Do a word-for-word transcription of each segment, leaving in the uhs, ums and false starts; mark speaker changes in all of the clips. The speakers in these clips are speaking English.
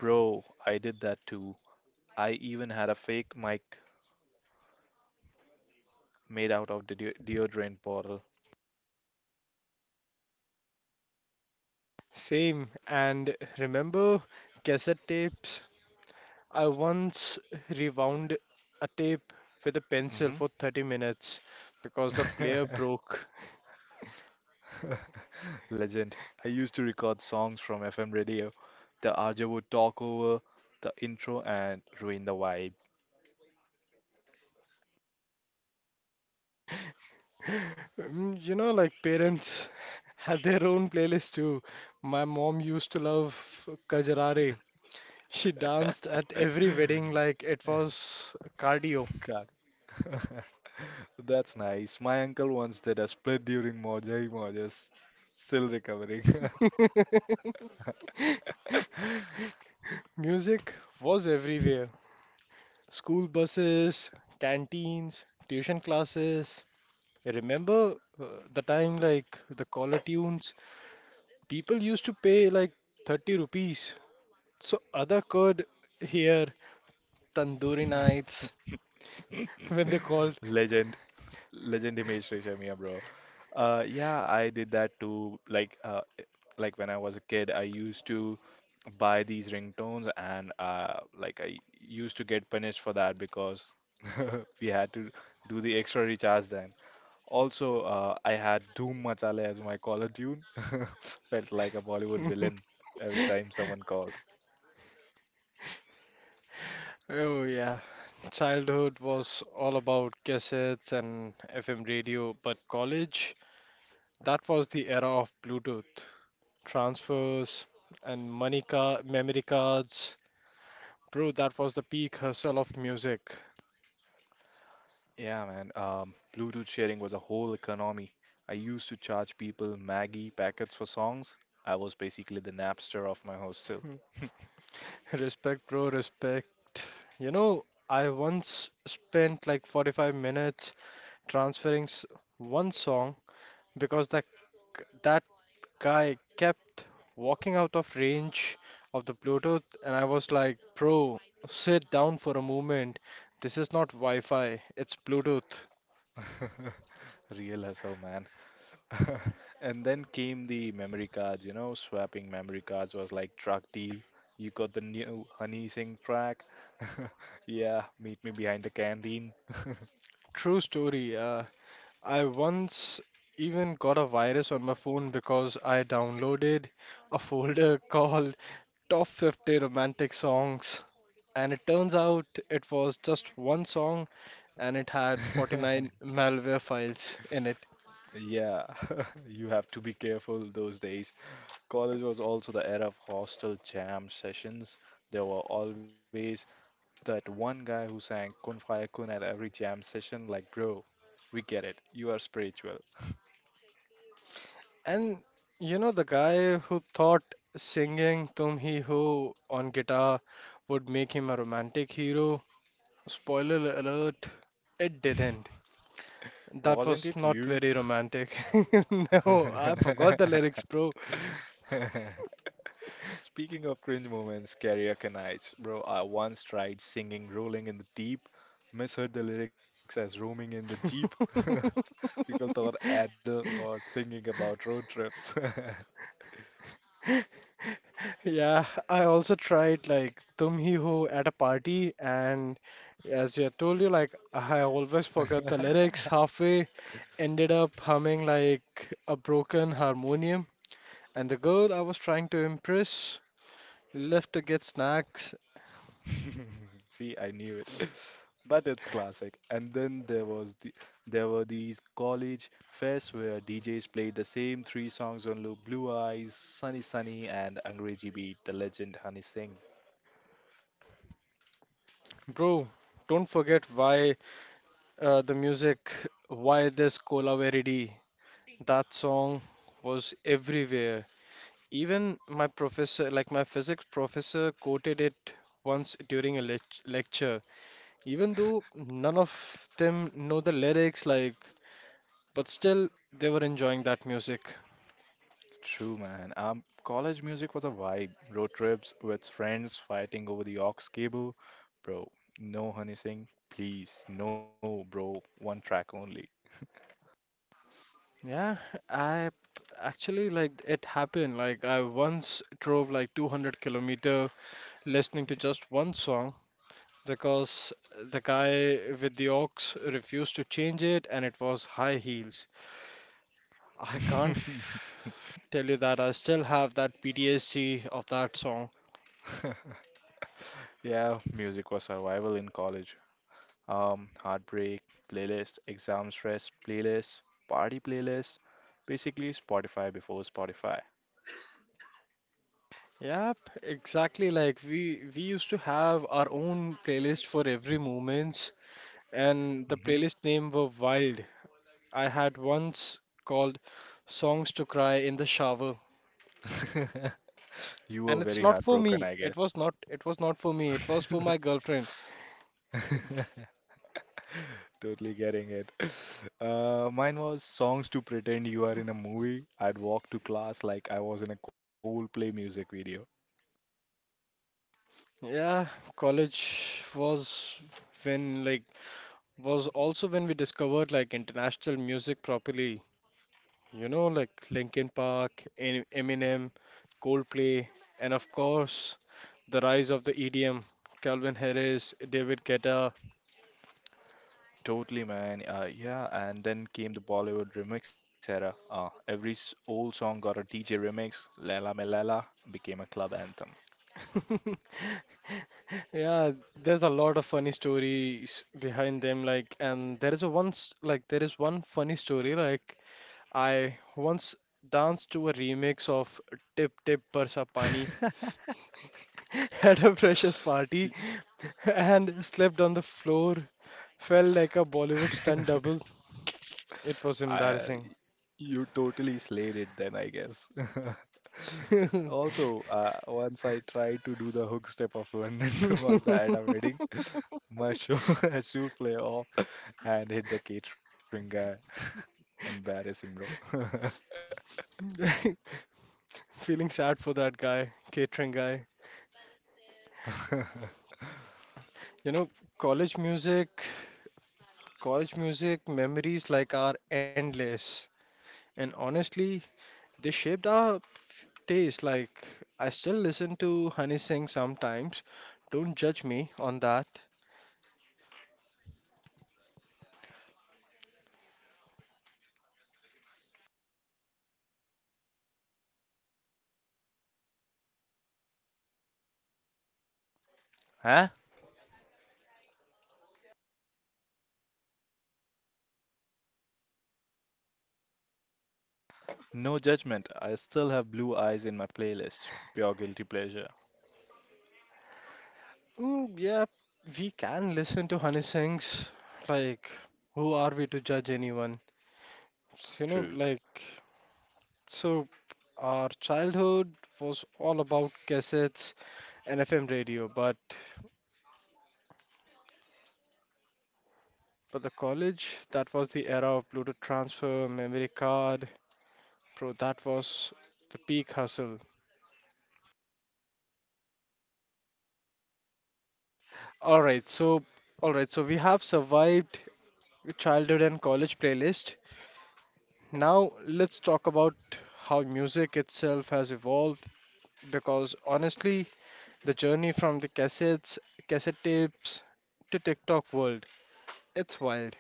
Speaker 1: Bro, I did that too. I even had a fake mic made out of the de deodorant bottle.
Speaker 2: Same. And remember cassette tapes? I once rewound a tape with a pencil
Speaker 1: Hmm
Speaker 2: for thirty minutes because the player broke.
Speaker 1: Legend. I used to record songs from F M radio. The R J would talk over the intro and ruin the vibe.
Speaker 2: Mm. You know, like parents had their own playlist too. My mom used to love Kajarare. She danced at every wedding like it was cardio.
Speaker 1: God. That's nice. My uncle once did a split during Mojai Mojas. Still recovering.
Speaker 2: Music was everywhere. School buses, canteens, tuition classes. I remember uh, the time like the collar tunes. People used to pay like thirty rupees so other could hear tandoori nights when they called.
Speaker 1: Legend. Legend Himesh Reshammiya, bro. Uh, yeah, I did that too. Like, uh, like when I was a kid, I used to buy these ringtones, and uh, like I used to get punished for that because we had to do the extra recharge. Also, uh, I had Doom Machale as my caller tune. Felt like a Bollywood villain every time someone called.
Speaker 2: Oh yeah. Childhood was all about cassettes and F M radio, but college, that was the era of Bluetooth, transfers, and money card, memory cards. Bro, that was the peak hustle of music.
Speaker 1: Yeah, man. Um, Bluetooth sharing was a whole economy. I used to charge people Maggie packets for songs. I was basically the Napster of my hostel.
Speaker 2: Respect, bro, respect. You know, I once spent like forty-five minutes transferring s- one song because that g- that guy kept walking out of range of the Bluetooth, and I was like, "Bro, sit down for a moment. This is not Wi-Fi, it's Bluetooth."
Speaker 1: Real hustle, man. And then came the memory cards. You know, swapping memory cards was like drug deal. You got the new Honey Singh track. Yeah, meet me behind the canteen.
Speaker 2: True story. Uh, I once even got a virus on my phone because I downloaded a folder called Top fifty Romantic Songs. And it turns out it was just one song and it had forty-nine malware files in it.
Speaker 1: Yeah, you have to be careful those days. College was also the era of hostel jam sessions. There were always that one guy who sang Kun Fire Kun at every jam session, like, bro, we get it. You are spiritual.
Speaker 2: And you know, the guy who thought singing Tum Hi Ho on guitar would make him a romantic hero, spoiler alert, it didn't. That
Speaker 1: Wasn't
Speaker 2: was
Speaker 1: it
Speaker 2: not
Speaker 1: you?
Speaker 2: very romantic. No, I forgot the lyrics, bro.
Speaker 1: Speaking of cringe moments, karaoke nights, bro, I once tried singing Rolling in the Deep, misheard the lyrics as roaming in the Jeep. People thought Adam was singing about road trips.
Speaker 2: Yeah, I also tried like Tum Hi Ho at a party, and as I told you, like I always forgot the lyrics halfway, ended up humming like a broken harmonium, and the girl I was trying to impress left to get snacks.
Speaker 1: See, I knew it. But it's classic. And then there was the there were these college fests where D Js played the same three songs on loop: Blue Eyes, Sunny Sunny, and Angrezi Beat, the legend Honey Singh.
Speaker 2: Bro, don't forget why uh, the music, why this Cola Veridi. That song was everywhere. Even my professor, like my physics professor, quoted it once during a lec- lecture. Even though none of them know the lyrics, like, but still they were enjoying that music.
Speaker 1: True, man. Um, college music was a vibe. Road trips with friends fighting over the aux cable. Bro, no Honey Singh, please. No, bro. One track only.
Speaker 2: Yeah, I p- actually like it happened. Like I once drove like two hundred kilometer listening to just one song because the guy with the aux refused to change it and it was high heels. I can't f- Tell you that I still have that P T S D of that song.
Speaker 1: Yeah, music was survival in college. Um, heartbreak, playlist, exam stress, playlist, party playlist, basically Spotify before Spotify.
Speaker 2: Yep, exactly. Like we we used to have our own playlist for every moments, and the
Speaker 1: Hmm
Speaker 2: playlist name were wild. I had once called "Songs to Cry in the Shower,"
Speaker 1: You were
Speaker 2: and it's
Speaker 1: very
Speaker 2: not for
Speaker 1: heartbroken,
Speaker 2: me.
Speaker 1: I
Speaker 2: It
Speaker 1: guess.
Speaker 2: was not. It was not for me. It was for my girlfriend.
Speaker 1: Totally getting it. Uh, mine was songs to pretend you are in a movie. I'd walk to class like I was in a Coldplay music video.
Speaker 2: Yeah, college was when like was also when we discovered like international music properly. You know, like Linkin Park, Em- Eminem, Coldplay, and of course, the rise of the E D M, Calvin Harris, David Guetta.
Speaker 1: Totally, man. Uh, yeah, and then came the Bollywood remix era. Uh, every s- old song got a D J remix. Lela Me Lela became a club anthem.
Speaker 2: Yeah, there's a lot of funny stories behind them. Like, and there is a once, like, There is one funny story. Like, I once danced to a remix of Tip Tip Barsa Pani at a precious party and slept on the floor. Fell like a Bollywood stunt double. It was
Speaker 1: I,
Speaker 2: embarrassing.
Speaker 1: you totally slayed it then, I guess. Also, uh, once I tried to do the hook step of London to Magda at a wedding, my shoe, shoe play off and hit the catering guy. Embarrassing, bro.
Speaker 2: Feeling sad for that guy, catering guy. You know, college music, college music memories like are endless. And honestly, they shaped our taste. Like, I still listen to Honey Singh sometimes. Don't judge me on that.
Speaker 1: Huh? No judgment, I still have Blue Eyes in my playlist. Pure guilty pleasure.
Speaker 2: Mm, yeah, we can listen to Honey Singh's. Like, who are we to judge anyone? You
Speaker 1: True.
Speaker 2: know, like. So, our childhood was all about cassettes and F M radio, but for the college, that was the era of Bluetooth transfer, memory card, bro, that was the peak hustle. All right, so all right, so we have survived childhood and college playlist. Now let's talk about how music itself has evolved because honestly, the journey from the cassettes, cassette tapes to TikTok world, it's wild.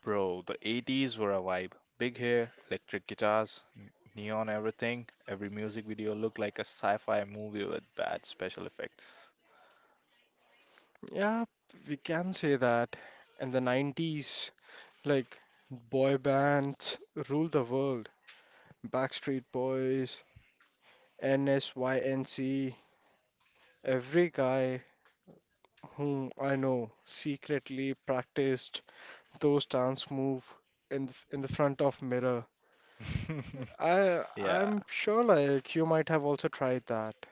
Speaker 1: Bro, the eighties were a vibe. Big hair, electric guitars, n- neon everything. Every music video looked like a sci-fi movie with bad special effects.
Speaker 2: Yeah, we can say that. In the nineties, like boy bands ruled the world. Backstreet Boys, NSYNC, every guy whom I know secretly practiced those dance move in the, in the front of mirror. I
Speaker 1: Yeah.
Speaker 2: I'm sure like you might have also tried that.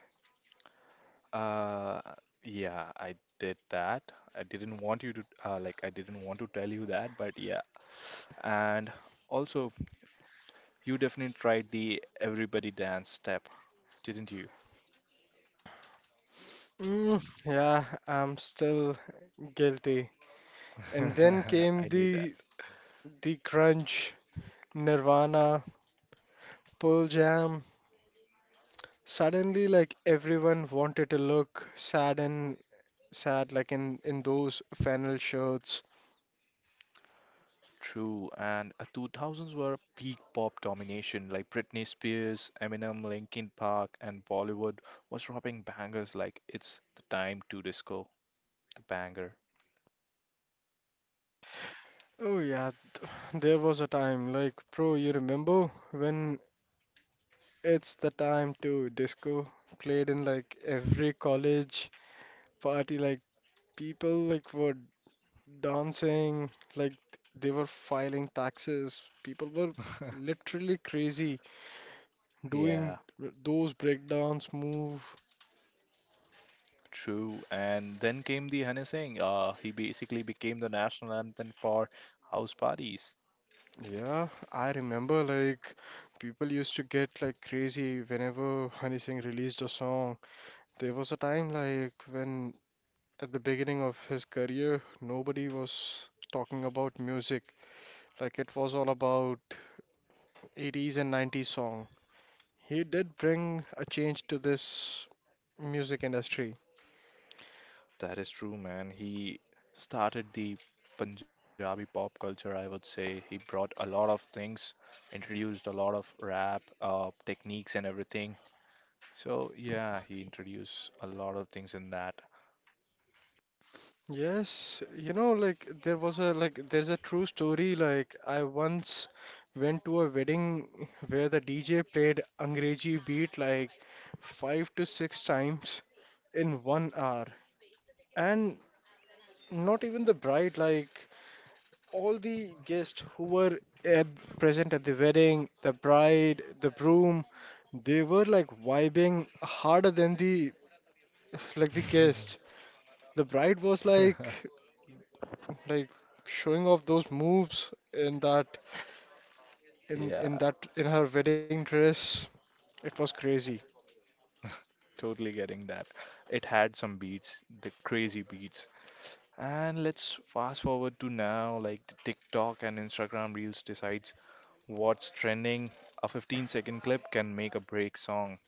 Speaker 1: Uh, yeah, I did that. I didn't want you to, uh, like, I didn't want to tell you that, but yeah. And also, you definitely tried the everybody dance step, didn't you?
Speaker 2: Mm, yeah, I'm still guilty. And then came
Speaker 1: I knew that.
Speaker 2: the the grunge, Nirvana, Pearl Jam, suddenly like everyone wanted to look sad and sad like in in those flannel shirts.
Speaker 1: True, and uh, two thousands were peak pop domination, like Britney Spears, Eminem, Linkin Park, and Bollywood was dropping bangers like It's the Time to Disco, the banger.
Speaker 2: Oh yeah, there was a time like bro, you remember when it's the time to disco played in like every college party like people like were dancing like they were filing taxes. People were literally crazy doing
Speaker 1: Yeah,
Speaker 2: those breakdance move.
Speaker 1: true. And then came the Honey Singh. Uh, he basically became the national anthem for house parties.
Speaker 2: Yeah, I remember like people used to get like crazy whenever Honey Singh released a song. There was a time like when at the beginning of his career, nobody was talking about music. Like it was all about eighties and nineties song. He did bring a change to this music industry.
Speaker 1: That is true, man. He started the Punjabi pop culture, I would say. He brought a lot of things, introduced a lot of rap, uh, techniques, and everything. So, yeah, he introduced a lot of things in that.
Speaker 2: Yes, you know, like there was a like there's a true story. Like I once went to a wedding where the D J played Angrezi beat like five to six times in one hour, and not even the bride, like all the guests who were at, present at the wedding, the bride, the groom, they were like vibing harder than the like the guest. The bride was like like showing off those moves in that in in
Speaker 1: Yeah,
Speaker 2: that in her wedding dress. It was crazy.
Speaker 1: totally getting that. It had some beats, the crazy beats. And let's fast forward to now, like the TikTok and Instagram Reels decides what's trending. A fifteen second clip can make a break song.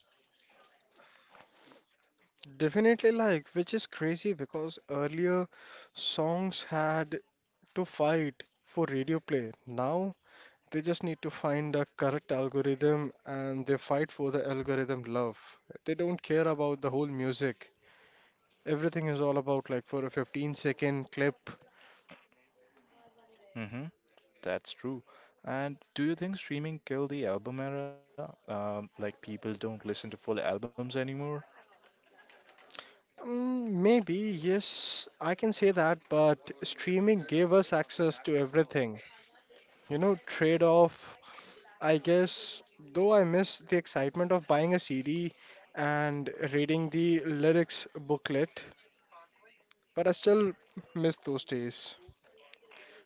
Speaker 2: Definitely like, which is crazy because earlier songs had to fight for radio play. Now they just need to find the correct algorithm and they fight for the algorithm love. They don't care about the whole music. Everything is all about like for a fifteen second clip.
Speaker 1: Mm-hmm, that's true. And do you think streaming killed the album era? Um, like people don't listen to full albums anymore?
Speaker 2: Mm, maybe, yes, I can say that, but streaming gave us access to everything. You know, trade off, I guess, though I miss the excitement of buying a C D and reading the lyrics booklet, but I still miss those days.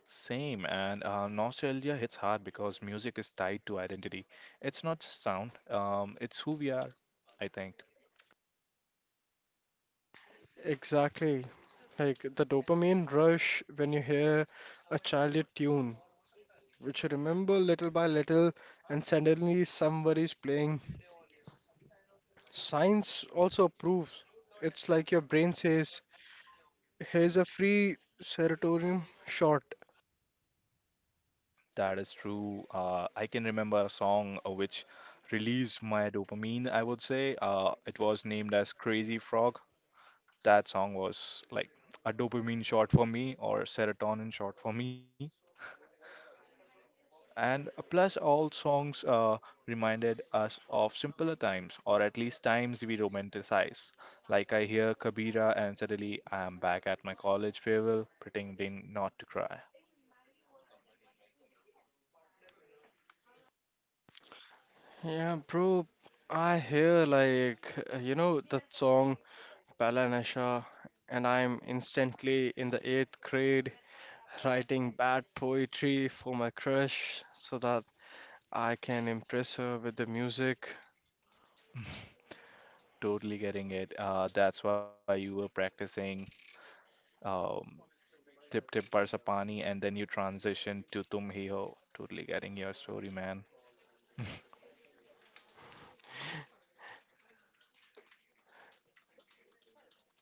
Speaker 1: Same, and uh, nostalgia hits hard because music is tied to identity. It's not just sound, um, it's who we are, I think.
Speaker 2: Exactly. Like the dopamine rush when you hear a childhood tune, which you remember little by little, and suddenly somebody's playing. Science also proves it's like your brain says, here's a free serotonin shot.
Speaker 1: That is true. Uh, I can remember a song uh, which released my dopamine, I would say. Uh, it was named as Crazy Frog. That song was like a dopamine shot for me, or serotonin shot for me. And plus, all songs uh, reminded us of simpler times, or at least times we romanticize. Like I hear Kabira, and suddenly I am back at my college farewell, pretending not to cry.
Speaker 2: Yeah, bro, I hear like, uh, you know, that song Pehla Nasha, and I'm instantly in the eighth grade writing bad poetry for my crush so that I can impress her with the music.
Speaker 1: Totally getting it. Uh, that's why you were practicing um, Tip Tip Barsapani, and then you transitioned to Tum Hi Ho. Totally getting your story, man.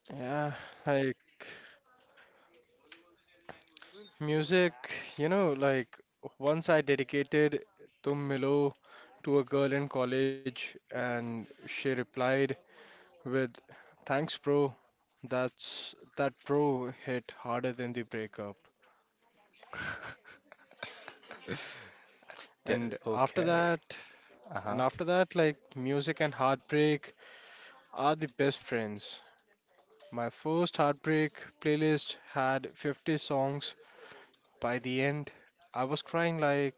Speaker 2: Yeah, like. Music, you know, like once I dedicated Tum Milo to a girl in college, and she replied with, Thanks, bro. That's that bro hit harder than the breakup.
Speaker 1: Yeah,
Speaker 2: And after
Speaker 1: okay.
Speaker 2: that, and
Speaker 1: Uh-huh.
Speaker 2: after that, like music and heartbreak are the best friends. My first heartbreak playlist had fifty songs. By the end, I was crying like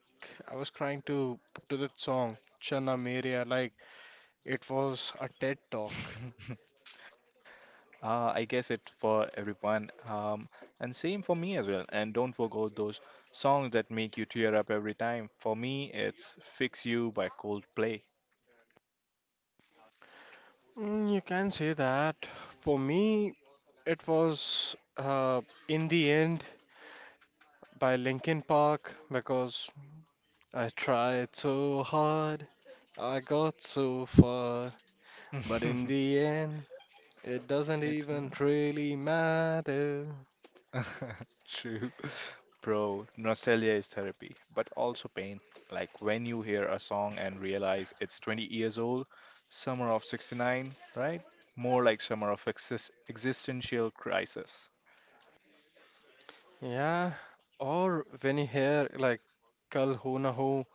Speaker 2: I was crying to to that song, Chana Meria, like. It was a TED talk.
Speaker 1: Uh, I guess it's for everyone, um, and same for me as well. And don't forget those songs that make you tear up every time. For me, it's "Fix You" by Coldplay.
Speaker 2: Mm, you can say that. For me, it was uh, In the End by Linkin Park because I tried so hard, I got so far, but in the end, it doesn't
Speaker 1: It's
Speaker 2: even
Speaker 1: not
Speaker 2: really matter.
Speaker 1: true, bro. Nostalgia is therapy, but also pain. Like when you hear a song and realize it's twenty years old, summer of sixty-nine, right? More like summer of exis existential crisis.
Speaker 2: Yeah, or when you hear like Kal Ho Na Ho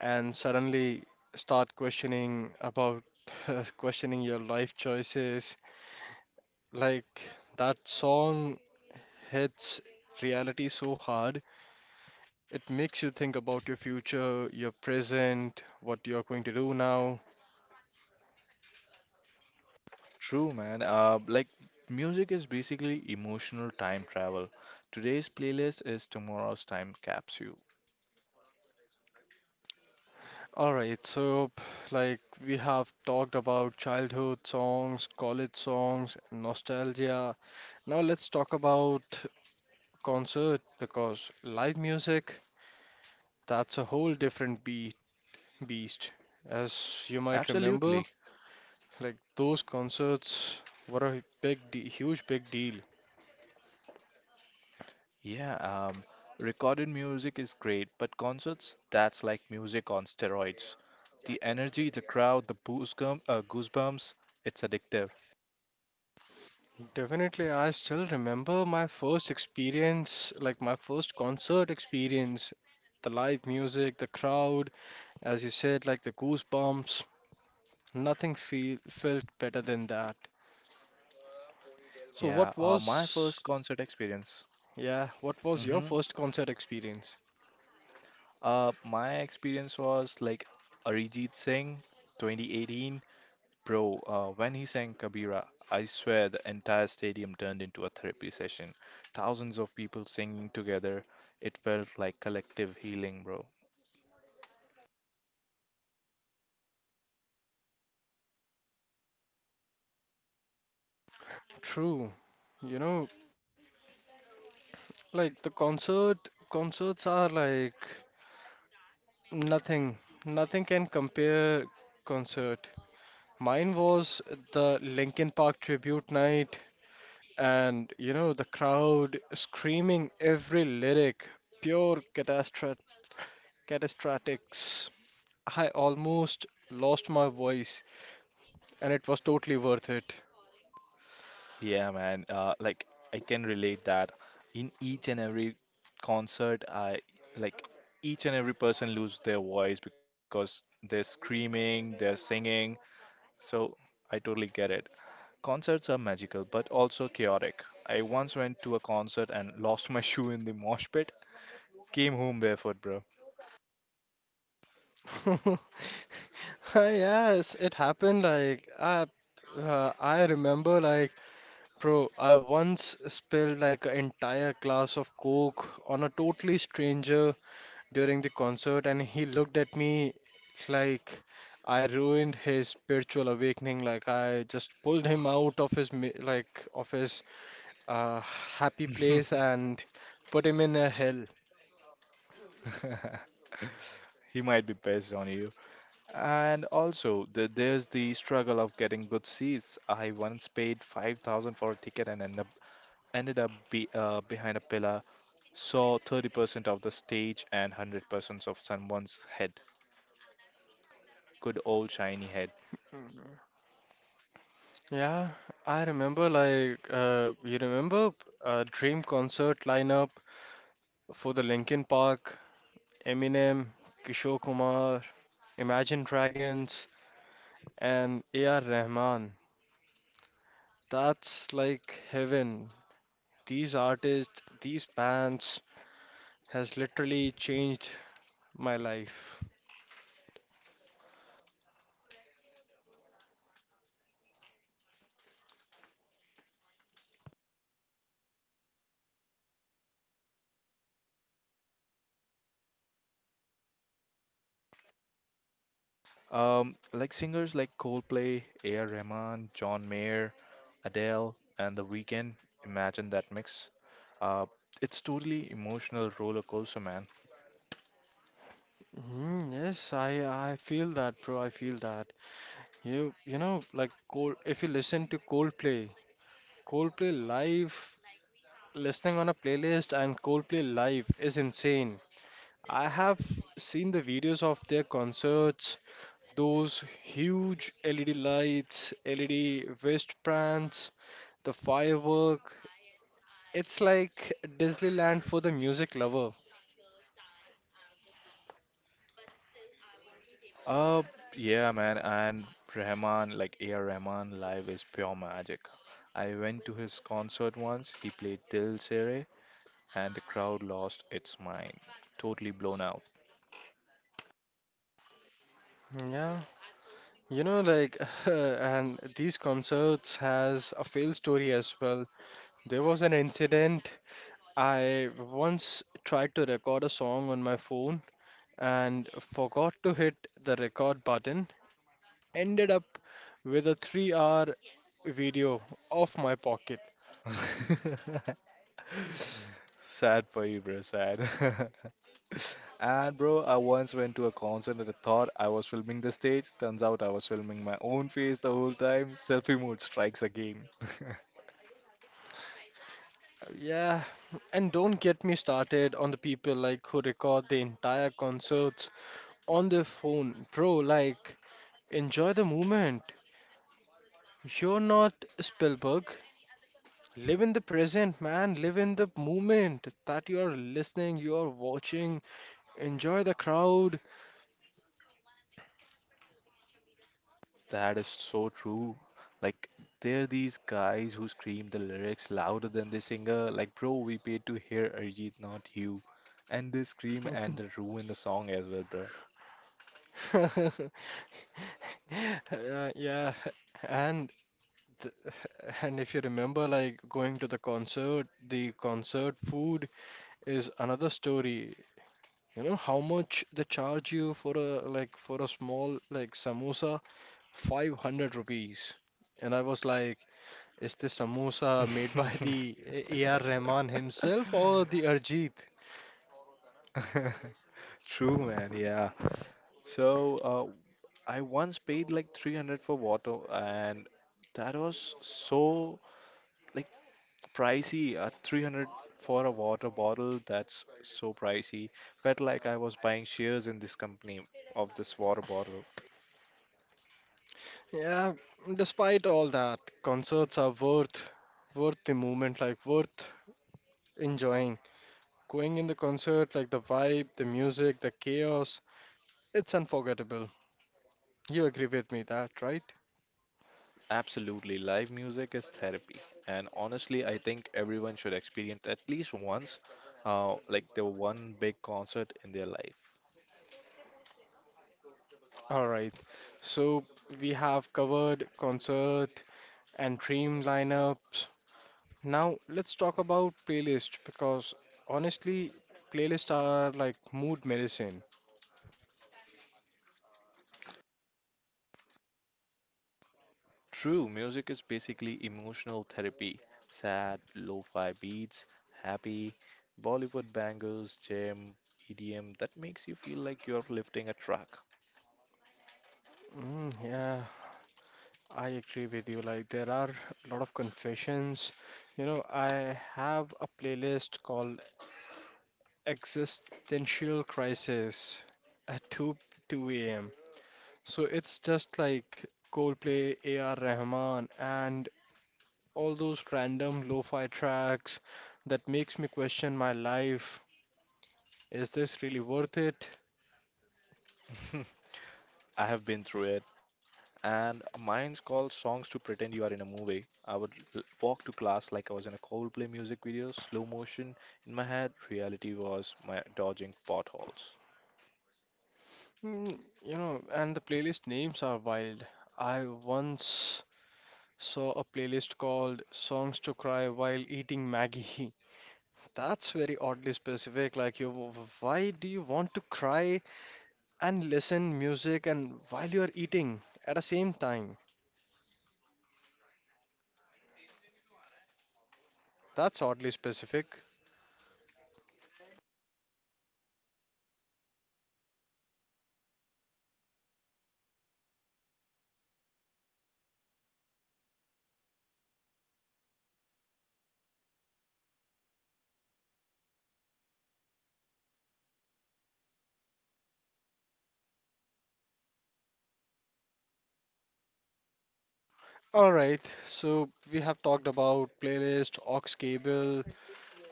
Speaker 2: and suddenly start questioning about questioning your life choices. Like that song hits reality so hard, it makes you think about your future, your present, what you're going to do now.
Speaker 1: True, man. Uh, like music is basically emotional time travel. Today's playlist is tomorrow's time capsule.
Speaker 2: All right, so like we have talked about childhood songs, college songs, nostalgia. Now let's talk about concert because live music, that's a whole different be beast. As you might remember,
Speaker 1: Absolutely.
Speaker 2: like those concerts were a big de huge big deal.
Speaker 1: Yeah, um, recorded music is great, but concerts, that's like music on steroids. The energy, the crowd, the goosebumps, uh, goosebumps, it's addictive.
Speaker 2: Definitely, I still remember my first experience, like my first concert experience, the live music, the crowd, as you said, like the goosebumps. Nothing feel, felt better than that. So
Speaker 1: Yeah,
Speaker 2: what
Speaker 1: uh, my first
Speaker 2: was,
Speaker 1: concert experience.
Speaker 2: yeah, what was your
Speaker 1: Hmm
Speaker 2: first concert experience?
Speaker 1: Uh, my experience was like Arijit Singh, twenty eighteen. Bro, uh, when he sang Kabira, I swear the entire stadium turned into a therapy session. Thousands of people singing together. It felt like collective healing, bro.
Speaker 2: True. You know, like the concert, concerts are like nothing, nothing can compare concert. Mine was the Linkin Park tribute night. And you know, the crowd screaming every lyric, pure catastro- catastrophics. I almost lost my voice, and it was totally worth it.
Speaker 1: Yeah, man. Uh, like I can relate that. In each and every concert, I like each and every person lose their voice because they're screaming, they're singing. So I totally get it. Concerts are magical, but also chaotic. I once went to a concert and lost my shoe in the mosh pit. Came home barefoot, bro.
Speaker 2: Yes, it happened. Like I, uh, I remember, like bro, I once spilled like an entire glass of Coke on a totally stranger during the concert, and he looked at me like I ruined his spiritual awakening. Like I just pulled him out of his mi- like of his uh, happy place and put him in a hell.
Speaker 1: He might be pissed on you. And also, the, there's the struggle of getting good seats. I once paid five thousand for a ticket and ended up, ended up be, uh, behind a pillar, saw thirty percent of the stage and one hundred percent of someone's head. Good old shiny head.
Speaker 2: Yeah, I remember, like uh, you remember uh, dream concert lineup for the Linkin Park, Eminem, Kishore Kumar, Imagine Dragons, and A R. Rahman. That's like heaven. These artists, these bands has literally changed my life.
Speaker 1: Um, like singers like Coldplay, A R. Rahman, John Mayer, Adele, and The Weeknd. Imagine that mix. Uh, it's totally emotional roller coaster, man.
Speaker 2: Mhm, yes, I I feel that, bro. I feel that. You you know, like, Cold, if you listen to Coldplay, Coldplay live, listening on a playlist and Coldplay live is insane. I have seen the videos of their concerts, those huge L E D lights, L E D wristbands, the firework. It's like Disneyland for the music lover.
Speaker 1: Uh, yeah, man, and Rahman, like A R. Rahman, live is pure magic. I went to his concert once, he played Dil Sere, and the crowd lost its mind. Totally blown out.
Speaker 2: Yeah, you know, like, and these concerts has a fail story as well. There was an incident. I once tried to record a song on my phone and forgot to hit the record button. Ended up with a three-hour video off my pocket.
Speaker 1: Sad for you, bro, sad. And bro, I once went to a concert and I thought I was filming the stage. Turns out I was filming my own face the whole time. Selfie mode strikes again.
Speaker 2: Yeah, and don't get me started on the people like who record the entire concerts on their phone. Bro, like, enjoy the moment. You're not Spielberg. Live in the present, man. Live in the moment that you're listening, you're watching. Enjoy the crowd.
Speaker 1: That is so true. Like, there are these guys who scream the lyrics louder than the singer. Like, bro, we paid to hear Arijit, not you. And they scream and they ruin the song as well, bro.
Speaker 2: Uh, yeah, and th- and if you remember, like going to the concert, the concert food is another story. You know how much they charge you for a like for a small like samosa? five hundred rupees. And I was like, is the samosa made by the A R. Rahman himself or the Arjit?
Speaker 1: True, man. Yeah. So, uh, I once paid like three hundred for water, and that was so like pricey. Uh, three hundred for a water bottle, that's so pricey. Felt like I was buying shares in this company of this water bottle.
Speaker 2: Yeah, despite all that, concerts are worth worth the moment, like worth enjoying. Going in the concert, like the vibe, the music, the chaos, it's unforgettable. You agree with me that, right?
Speaker 1: Absolutely, live music is therapy, and honestly, I think everyone should experience at least once, uh, like the one big concert in their life.
Speaker 2: All right. So we have covered concert and dream lineups. Now let's talk about playlist because honestly, playlists are like mood medicine.
Speaker 1: True, music is basically emotional therapy. Sad, lo-fi beats, happy, Bollywood bangers, jam, E D M, that makes you feel like you're lifting a truck.
Speaker 2: Mm, yeah, I agree with you. Like, there are a lot of confessions. You know, I have a playlist called Existential Crisis at 2 2 a.m. So it's just like Coldplay, A R. Rahman, and all those random lo-fi tracks that makes me question my life. Is this really worth it?
Speaker 1: I have been through it. And mine's called Songs to Pretend You Are in a Movie. I would l- walk to class like I was in a Coldplay music video, slow motion in my head. Reality was my dodging potholes.
Speaker 2: Mm, you know, and the playlist names are wild. I once saw a playlist called Songs to Cry While Eating Maggie. That's very oddly specific. Like, you, why do you want to cry and listen music and while you are eating at the same time? That's oddly specific. All right, so we have talked about playlist, aux cable,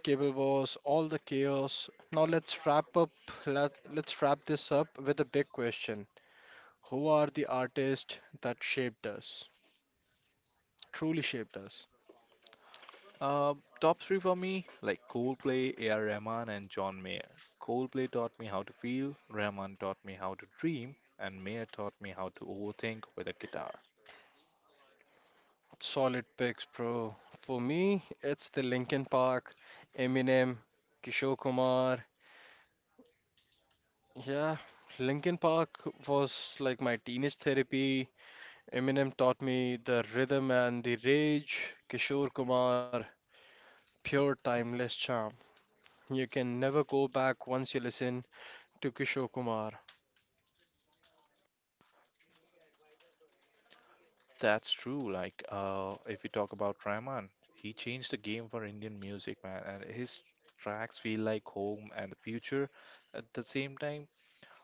Speaker 2: cable wars, all the chaos. Now let's wrap up. Let, let's wrap this up with a big question. Who are the artists that shaped us? Truly shaped us?
Speaker 1: Uh, Top three for me, like Coldplay, A R. Rahman, and John Mayer. Coldplay taught me how to feel, Rahman taught me how to dream, and Mayer taught me how to overthink with a guitar.
Speaker 2: Solid picks, bro. For me, it's the Linkin Park, Eminem, Kishore Kumar. Yeah, Linkin Park was like my teenage therapy. Eminem taught me the rhythm and the rage. Kishore Kumar, pure timeless charm. You can never go back once you listen to Kishore Kumar.
Speaker 1: That's true. Like, uh, if we talk about Rahman, he changed the game for Indian music, man. And his tracks feel like home and the future. At the same time,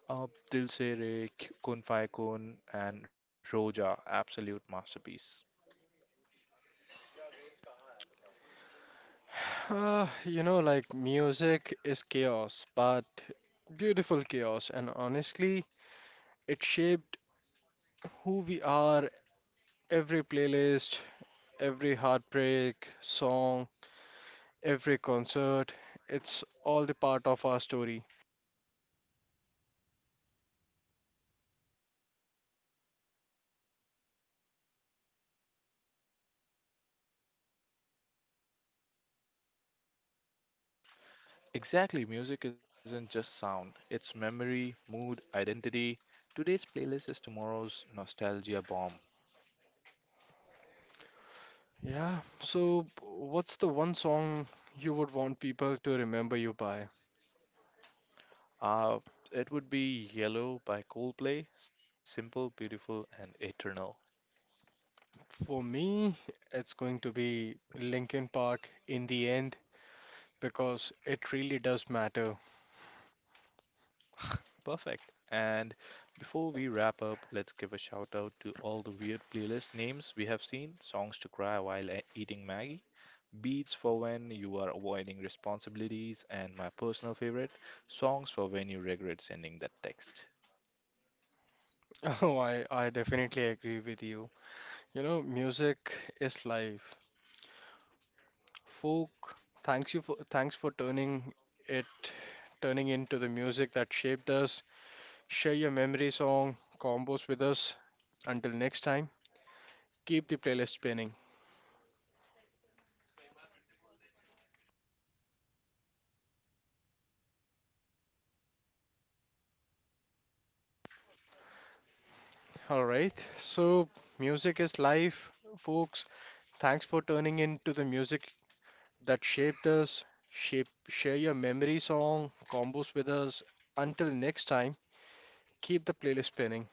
Speaker 1: uh, Dil Se Re, K- Kun Fai Kun, and Roja, absolute masterpiece.
Speaker 2: Ah, you know, like music is chaos, but beautiful chaos, and honestly, it shaped who we are. Every playlist, every heartbreak song, every concert, it's all the part of our story.
Speaker 1: Exactly, music isn't just sound, it's memory, mood, identity. Today's playlist is tomorrow's nostalgia bomb.
Speaker 2: Yeah, so what's the one song you would want people to remember you by?
Speaker 1: Uh, it would be Yellow by Coldplay, simple, beautiful, and eternal.
Speaker 2: For me, it's going to be Linkin Park in the end because it really does matter.
Speaker 1: Perfect. And before we wrap up, let's give a shout out to all the weird playlist names we have seen songs to cry while e- eating Maggie, beats for when you are avoiding responsibilities, and my personal favorite, songs for when you regret sending that text.
Speaker 2: Oh, I, I definitely agree with you. You know, music is life. Folk, thanks you for thanks for turning it turning into the music that shaped us. Share your memory song combos with us. Until next time, keep the playlist spinning. All right. So music is life, folks. Thanks for turning into the music that shaped us. Shape, share your memory song combos with us. Until next time, keep the playlist spinning.